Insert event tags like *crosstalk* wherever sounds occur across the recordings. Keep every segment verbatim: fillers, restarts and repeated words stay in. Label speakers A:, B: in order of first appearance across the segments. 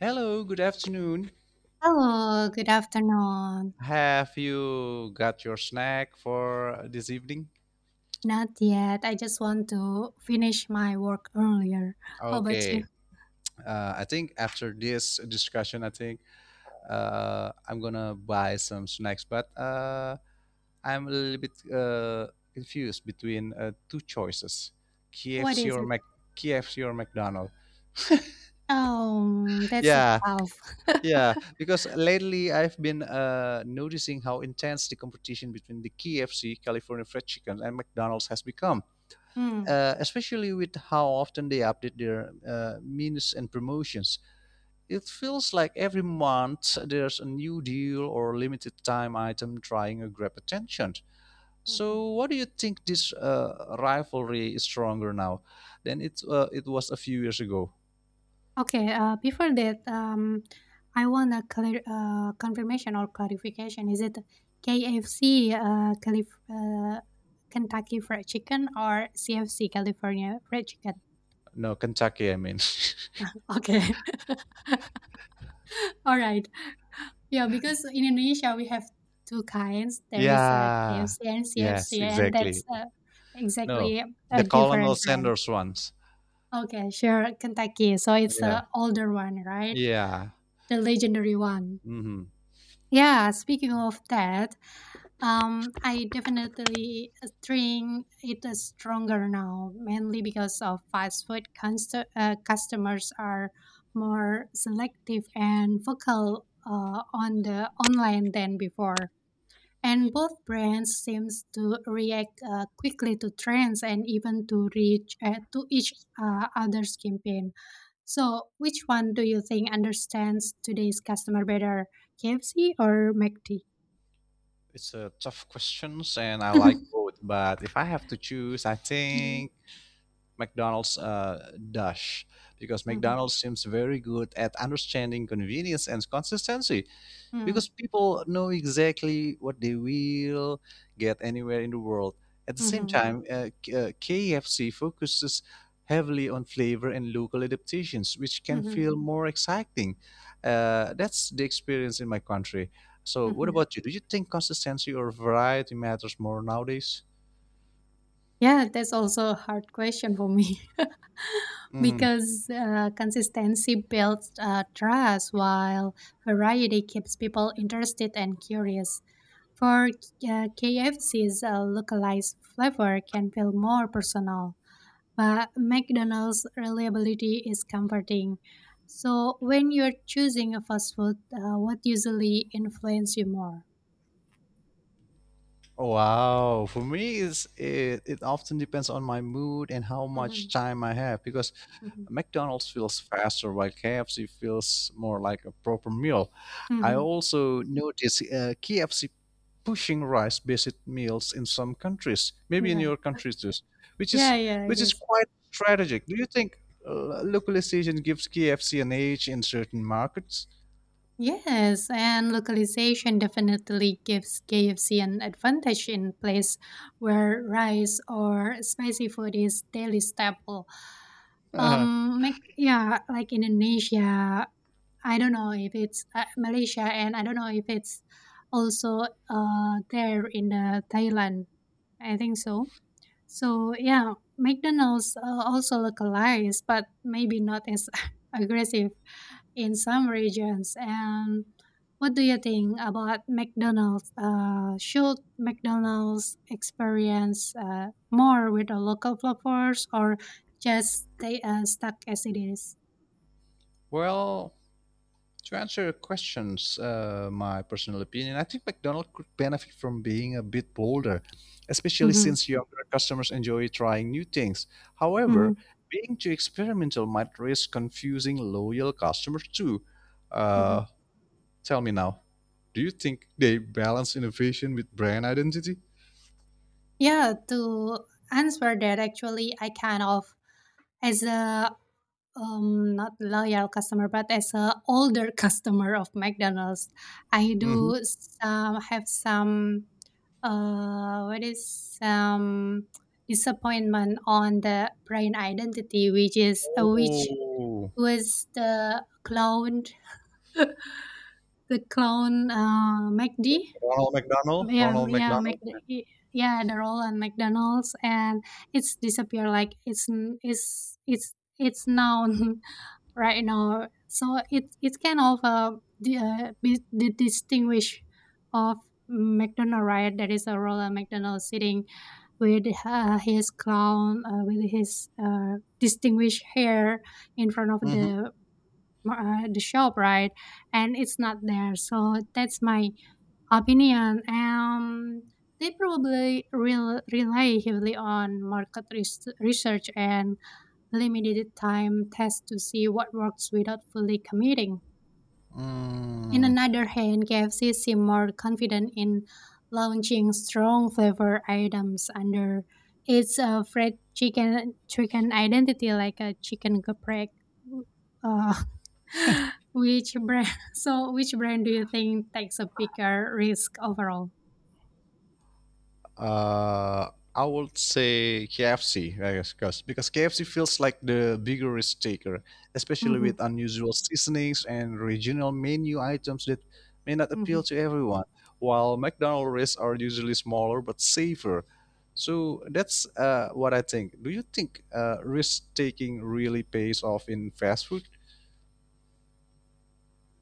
A: Hello, good afternoon.
B: Hello, good afternoon.
A: Have you got your snack for this evening?
B: Not yet. I just want to finish my work earlier. How about you?
A: Okay. Uh, I think after this discussion, I think uh, I'm gonna buy some snacks, but uh, I'm a little bit uh, confused between uh, two choices:
B: What
A: K F C
B: is
A: or
B: it?
A: Mac K F C or McDonald's.
B: Oh, that's a
A: Yeah,
B: tough.
A: yeah. Because lately I've been uh, noticing how intense the competition between the K F C California Fried Chicken and McDonald's has become.
B: Hmm.
A: Uh, especially with how often they update their uh, menus and promotions. It feels like every month there's a new deal or limited time item trying to grab attention.
B: Mhm.
A: So, what do you think, this uh, rivalry is stronger now than it, uh, it was a few years ago?
B: Okay, uh, Before that, um, I want a clear uh, confirmation or clarification. Is it K F C, uh, Calif- uh, Kentucky Fried Chicken, or C F C, California Fried Chicken?
A: No, Kentucky, I mean.
B: Okay. *laughs* All right. Yeah, because in Indonesia we have two kinds.
A: *laughs*
B: There is a
A: Yeah.
B: K F C and
A: Yes,
B: C F C, and that's
A: exactly.
B: uh,
A: No.
B: exactly
A: The
B: a
A: Colonel
B: different brand.
A: Sanders ones.
B: Okay, sure, Kentucky. So it's
A: Yeah.
B: the older one, right?
A: Yeah.
B: The legendary one.
A: hmm
B: Yeah, speaking of that, um, I definitely uh, think it is stronger now, mainly because of fast food const- uh, customers are more selective and vocal uh, on the online than before. And both brands seems to react uh, quickly to trends and even to reach uh, to each uh, other's campaign. So, which one do you think understands today's customer better, K F C or Mc D?
A: It's a tough questions, and I like
B: *laughs*
A: both. But if I have to choose, I
B: mhm,
A: think McDonald's uh, Dash because
B: mhm,
A: McDonald's seems very good at understanding convenience and consistency.
B: mhm,
A: Because people know exactly what they will get anywhere in the world. At the same
B: mhm,
A: time, uh, K- uh, K F C focuses heavily on flavor and local adaptations, which can
B: mhm,
A: feel more exciting. Uh, that's the experience in my country. So, what
B: mhm. *laughs*
A: about you? Do you think consistency or variety matters more nowadays?
B: Yeah, that's also a hard question for me. *laughs*
A: hmm
B: Because uh, consistency builds uh, trust, while variety keeps people interested and curious. For uh, K F C's uh, localized flavor can feel more personal, but McDonald's reliability is comforting. So, when you're choosing a fast food, uh, what usually influences you more?
A: Wow. For me, it's, it, it often depends on my mood and how
B: Hmm.
A: much time I have because
B: Hmm.
A: McDonald's feels faster, while K F C feels more like a proper meal. I
B: Hmm.
A: also notice uh, K F C pushing rice-based meals in some countries, maybe in
B: Yeah,
A: your countries too, which is
B: yeah, yeah, it
A: which is
B: is.
A: quite strategic. Do you think uh, localization gives K F C an edge in certain markets?
B: Yes, and localization definitely gives K F C an advantage in place where rice or spicy food is daily staple.
A: Uh-huh.
B: Um, make yeah, like Indonesia. I don't know if it's uh, Malaysia, and I don't know if it's also uh there in the Thailand. I think so. So yeah, McDonald's uh, also localized, but maybe not as *laughs* aggressive in some regions. And what do you think about McDonald's? Uh, should McDonald's experience uh, more with the local flavors or just stay uh, stuck as it is?
A: Well, to answer your questions, uh, my personal opinion, I think McDonald's could benefit from being a bit bolder, especially
B: Mhm,
A: since younger customers enjoy trying new things.
B: mhm,
A: However, being too experimental might risk confusing loyal customers too. Uh,
B: mhm.
A: Tell me now, do you think they balance innovation with brand identity?
B: Yeah, to answer that, actually, I kind of as a Um, not loyal customer, but as a older *laughs* customer of McDonald's, I
A: hmm
B: do some have some uh what is some disappointment on the brand identity, which is uh, which
A: Oh,
B: was the clone. *laughs* the clone uh McD.
A: Ronald McDonald,
B: Yeah,
A: Ronald
B: yeah, Mc,
A: McDonald.
B: yeah, the roll on McDonald's, and it's disappeared. Like it's n- it's it's it's now. *laughs* Right now. So it it's kind of uh, the, uh, be- the distinguish of McDonald, right? That is a Ronald McDonald sitting with uh, his crown, uh, with his uh, distinguished hair in front of
A: Mm-hmm.
B: the uh, the shop, right? And it's not there. So that's my opinion. Um, they probably rel- rely heavily on market res- research and limited time tests to see what works without fully committing. In
A: Mm.
B: another hand, K F C seemed more confident in launching strong flavor items under its uh, fried chicken chicken identity, like a chicken caprese. Uh, *laughs* which brand? *laughs* So, which brand do you think takes a bigger risk overall?
A: Uh, I would say K F C, I guess, 'cause- because K F C feels like the bigger risk taker, especially
B: Hmm.
A: with unusual seasonings and regional menu items that may not appeal to everyone. While McDonald's risks are usually smaller but safer. So that's uh, what I think. Do you think uh, risk taking really pays off in fast food?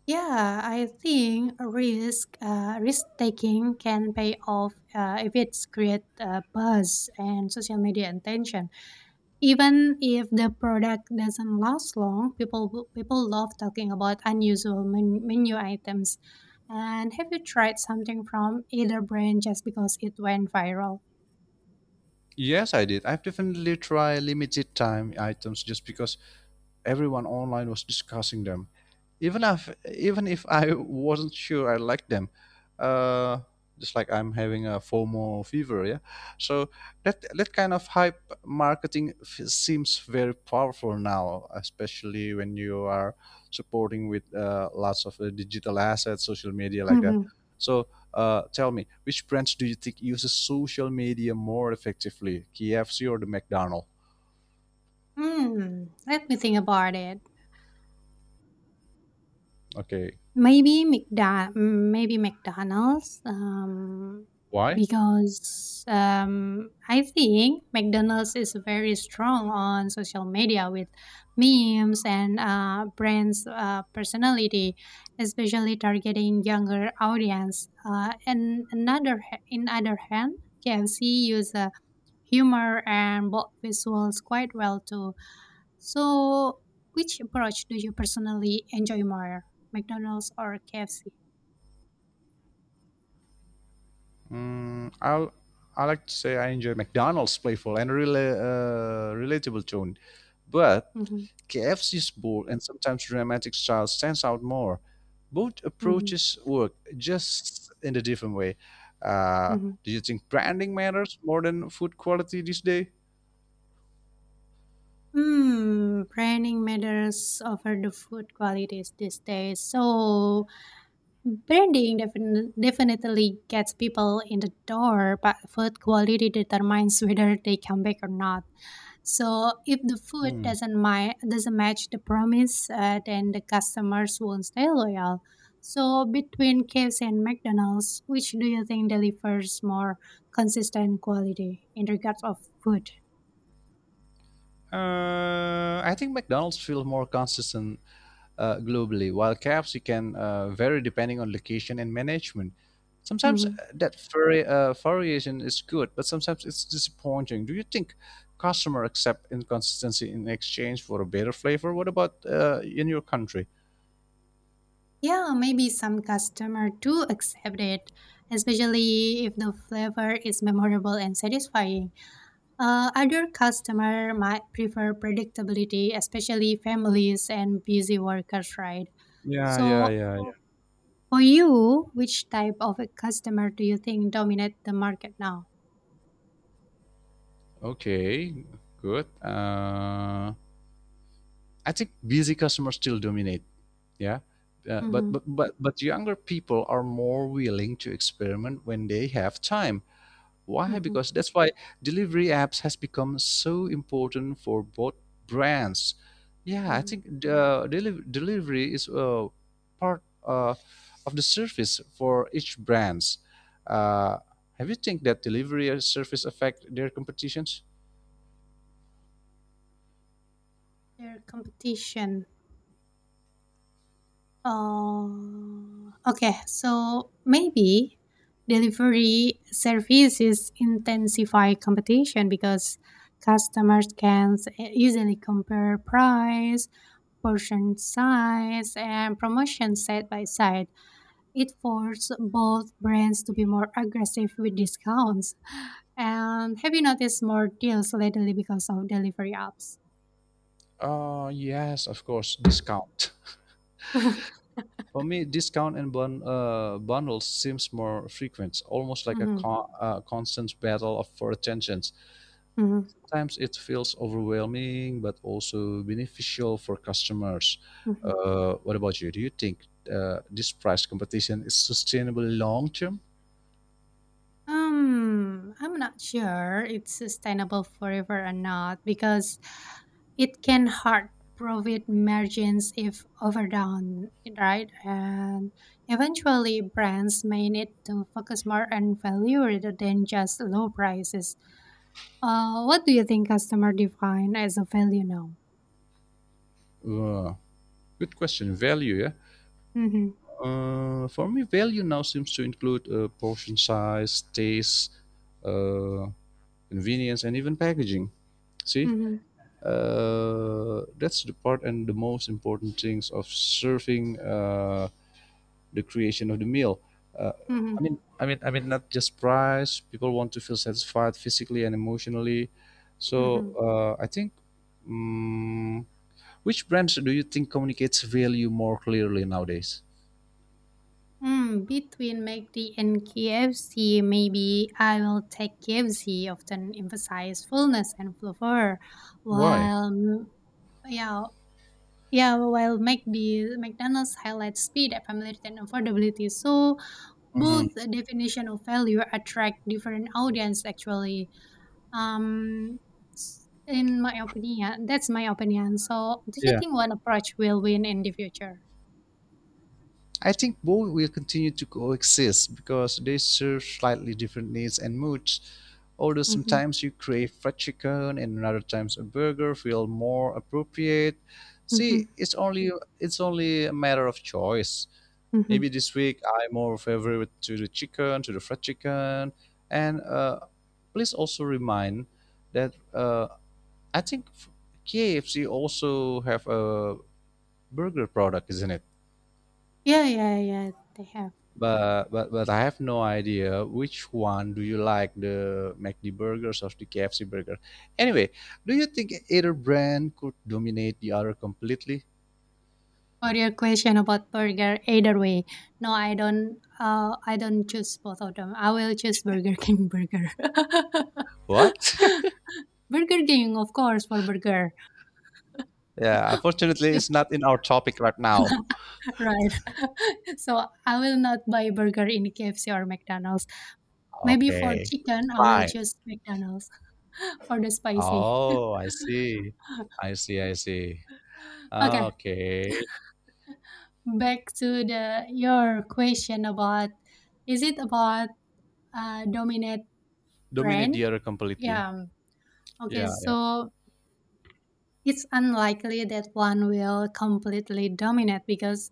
B: Yeah, I think a risk uh, risk taking can pay off uh, if it's create uh, buzz and social media attention. Even if the product doesn't last long, people will- people love talking about unusual men- menu items. And have you tried something from either brand just because it went viral?
A: Yes, I did. I've definitely tried limited time items just because everyone online was discussing them. Even if even if I wasn't sure I liked them, uh, just like I'm having a FOMO fever, yeah. So that that kind of hype marketing f- seems very powerful now, especially when you are supporting with uh, lots of uh, digital assets, social media like that.
B: *laughs*
A: So uh, tell me, which brands do you think uses social media more effectively, K F C or the McDonald's?
B: Mm-hmm. Hmm. Let me think about it.
A: Okay,
B: Maybe McDa mm, maybe McDonald's. um,
A: why?
B: because, um, I think McDonald's is very strong on social media with memes and, uh, brands, uh, personality, especially targeting younger audience. Uh, and another ha in other hand, K F C use, uh, humor and bold visuals quite well to so, which approach do you personally enjoy more, McDonald's or K F C?
A: Mm, I'll I like to say I enjoy McDonald's playful and really uh, relatable tone, but
B: Mm-hmm.
A: K F C's bold and sometimes dramatic style stands out more. Both
B: Mm-hmm.
A: approaches work just in a different way. Uh,
B: Mm-hmm.
A: do you think branding matters more than food quality these days?
B: Hmm, branding matters over the food qualities these days. So, branding defin- definitely gets people in the door, but food quality determines whether they come back or not. So if the food
A: Hmm.
B: doesn't mi- doesn't match the promise, uh, then the customers won't stay loyal. So between K F C and McDonald's, which do you think delivers more consistent quality in regards of food?
A: Uh, I think McDonald's feels more consistent uh, globally, while caps you can uh, vary depending on location and management. Sometimes uh,
B: Mhm.
A: that vari- uh, variation is good, but sometimes it's disappointing. Do you think customer accept inconsistency in exchange for a better flavor? What about uh, in your country?
B: Yeah, maybe some customer do accept it, especially if the flavor is memorable and satisfying. Uh, other customer might prefer predictability, especially families and busy workers, right?
A: Yeah, yeah,
B: So,
A: yeah, yeah.
B: for you, which type of a customer do you think dominate the market now?
A: Okay, good. Uh, I think busy customers still dominate. Yeah, uh, but,
B: Mm-hmm,
A: but but but younger people are more willing to experiment when they have time. Why?
B: mm-hmm,
A: Because that's why delivery apps has become so important for both brands. Yeah, I
B: mm-hmm.
A: think the deli- delivery is uh, part uh, of the service for each brands. Uh, have you think that delivery service affect their competitions?
B: Their competition. Uh, okay, so maybe delivery services intensify competition because customers can s- e, easily compare price, portion size and promotion side by side. It forced both brands to be more aggressive with discounts. And have you noticed more deals lately because of delivery apps?
A: Uh, yes, of course, discount. *laughs* For me, discount and bun- uh, bundles seems more frequent, almost like a
B: Mm-hmm.
A: con- uh, constant battle of for attention.
B: Mm-hmm.
A: Sometimes it feels overwhelming but also beneficial for customers.
B: Mm-hmm.
A: Uh, what about you? Do you think uh, this price competition is sustainable long term?
B: Um, I'm not sure it's sustainable forever or not because it can hurt profit margins if overdone, right? And eventually, brands may need to focus more on value rather than just low prices. Uh, what do you think customer define as a value now?
A: Uh, Good question. Value, yeah.
B: Mm-hmm,
A: Uh, for me, value now seems to include uh, portion size, taste, uh, convenience, and even packaging. See,
B: mm-hmm,
A: uh, that's the part and the most important things of serving uh, the creation of the meal. Uh,
B: mm-hmm,
A: I mean, I mean, I mean, not just price. People want to feel satisfied physically and emotionally. So
B: mm-hmm.
A: uh, I think, mm which brands do you think communicates value more clearly nowadays?
B: Hmm. Between Mc D and K F C, maybe I will take K F C, often emphasize fullness and flavor,
A: Why?
B: while mm, yeah, yeah, while McD McDonald's highlights speed, familiarity, and affordability. So
A: Mm,
B: both definition of value attract different audience. Actually, um, s- in my opinion, that's my opinion. So, do you
A: yeah.
B: think one approach will win in the future?
A: I think both will continue to coexist because they serve slightly different needs and moods. Although
B: Mm-hmm,
A: sometimes you crave fried chicken and other times a burger feel more appropriate.
B: mm-hmm,
A: See, it's only it's only a matter of choice.
B: mm-hmm.
A: Maybe this week I more favor to the chicken, to the fried chicken, and uh, please also remind that uh, I think K F C also have a burger product, isn't it?
B: Yeah, yeah, yeah. They have.
A: But but but I have no idea which one do you like, the McD burgers or the K F C burger. Anyway, do you think either brand could dominate the other completely?
B: For your question about burger, either way, no, I don't. Uh, I don't choose both of them. I will choose Burger King burger.
A: What?
B: *laughs* Burger King, of course, for burger.
A: *laughs* Yeah,
B: *laughs*
A: unfortunately, it's not in our topic right now.
B: Right. *laughs* So I will not buy burger in K F C or McDonald's. Maybe for
A: Okay,
B: chicken, I will
A: fine.
B: choose McDonald's *laughs* for the spicy.
A: Oh, I see.
B: *laughs*
A: I see. I see.
B: Okay,
A: Okay,
B: back to the your question about is it about uh, dominate
A: dominate the
B: brand?
A: other completely.
B: Yeah. Okay,
A: Yeah, yeah.
B: so it's unlikely that one will completely dominate because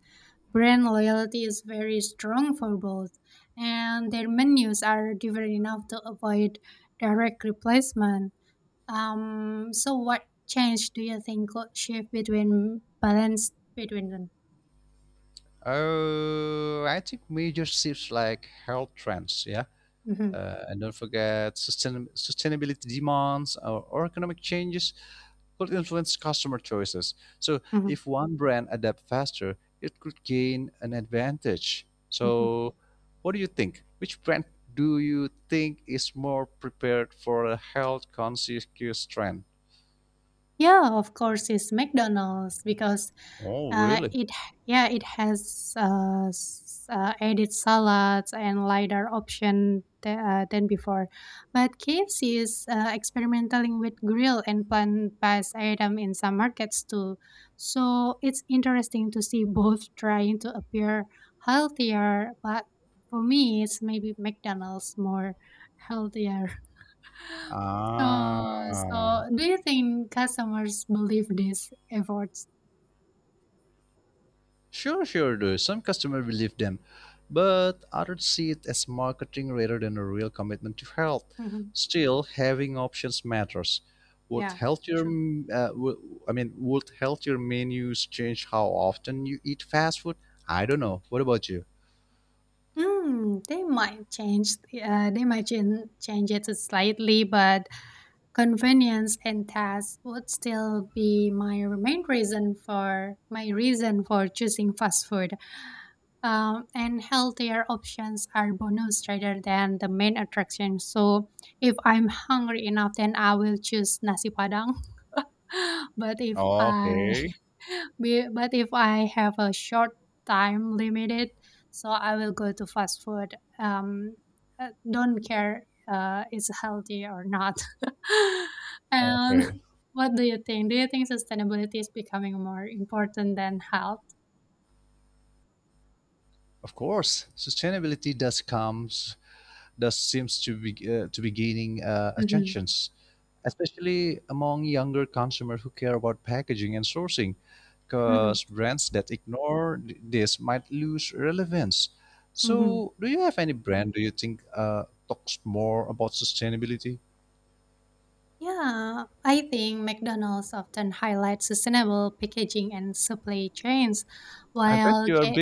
B: brand loyalty is very strong for both, and their menus are different enough to avoid direct replacement. Um, so what change do you think could shift between balance between them?
A: Uh, I think major shifts like health trends. Yeah.
B: Hmm.
A: Uh, and don't forget, sustain- sustainability demands or, or economic changes could influence customer choices. So, if one brand adapts faster, it could gain an advantage.
B: Hmm.
A: So, what do you think? Which brand do you think is more prepared for a health conscious trend?
B: Yeah, of course, it's McDonald's because
A: Oh,
B: uh,
A: really?
B: it yeah it has uh, s- uh, added salads and lighter option th- uh, than before. But K F C is uh, experimenting with grill and plant-based item in some markets too. So it's interesting to see *laughs* both trying to appear healthier, but for me, it's maybe McDonald's more healthier. Oh,
A: Ah,
B: so do you think customers believe these efforts?
A: sure, sure, do. Some customers believe them, but others see it as marketing rather than a real commitment to health.
B: Mhm.
A: Still, having options matters. Would
B: Yeah,
A: healthier,
B: true.
A: mm, uh, wo- I mean, would healthier menus change how often you eat fast food? I don't know. What about you?
B: Mm, they might change. Uh, they might chan- change it slightly, but convenience and task would still be my main reason for my reason for choosing fast food. Um, and healthier options are bonus rather than the main attraction. So if I'm hungry enough, then I will choose nasi padang. *laughs* But if I
A: Okay.
B: *laughs* be- but if I have a short time limited, so I will go to fast food. Um, uh, don't care uh, it's healthy or not. *laughs* And
A: Okay.
B: what do you think? Do you think sustainability is becoming more important than health?
A: Of course, sustainability does comes does seems to be uh, to be gaining uh,
B: Hmm.
A: attentions, especially among younger consumers who care about packaging and sourcing,
B: Hmm.
A: because brands that ignore th- this might lose relevance.
B: Hmm.
A: So, do you have any brand do you think uh, talks more about sustainability?
B: Yeah, I think McDonald's often highlights sustainable packaging and supply chains,
A: I bet
B: while
A: you are
B: K-
A: big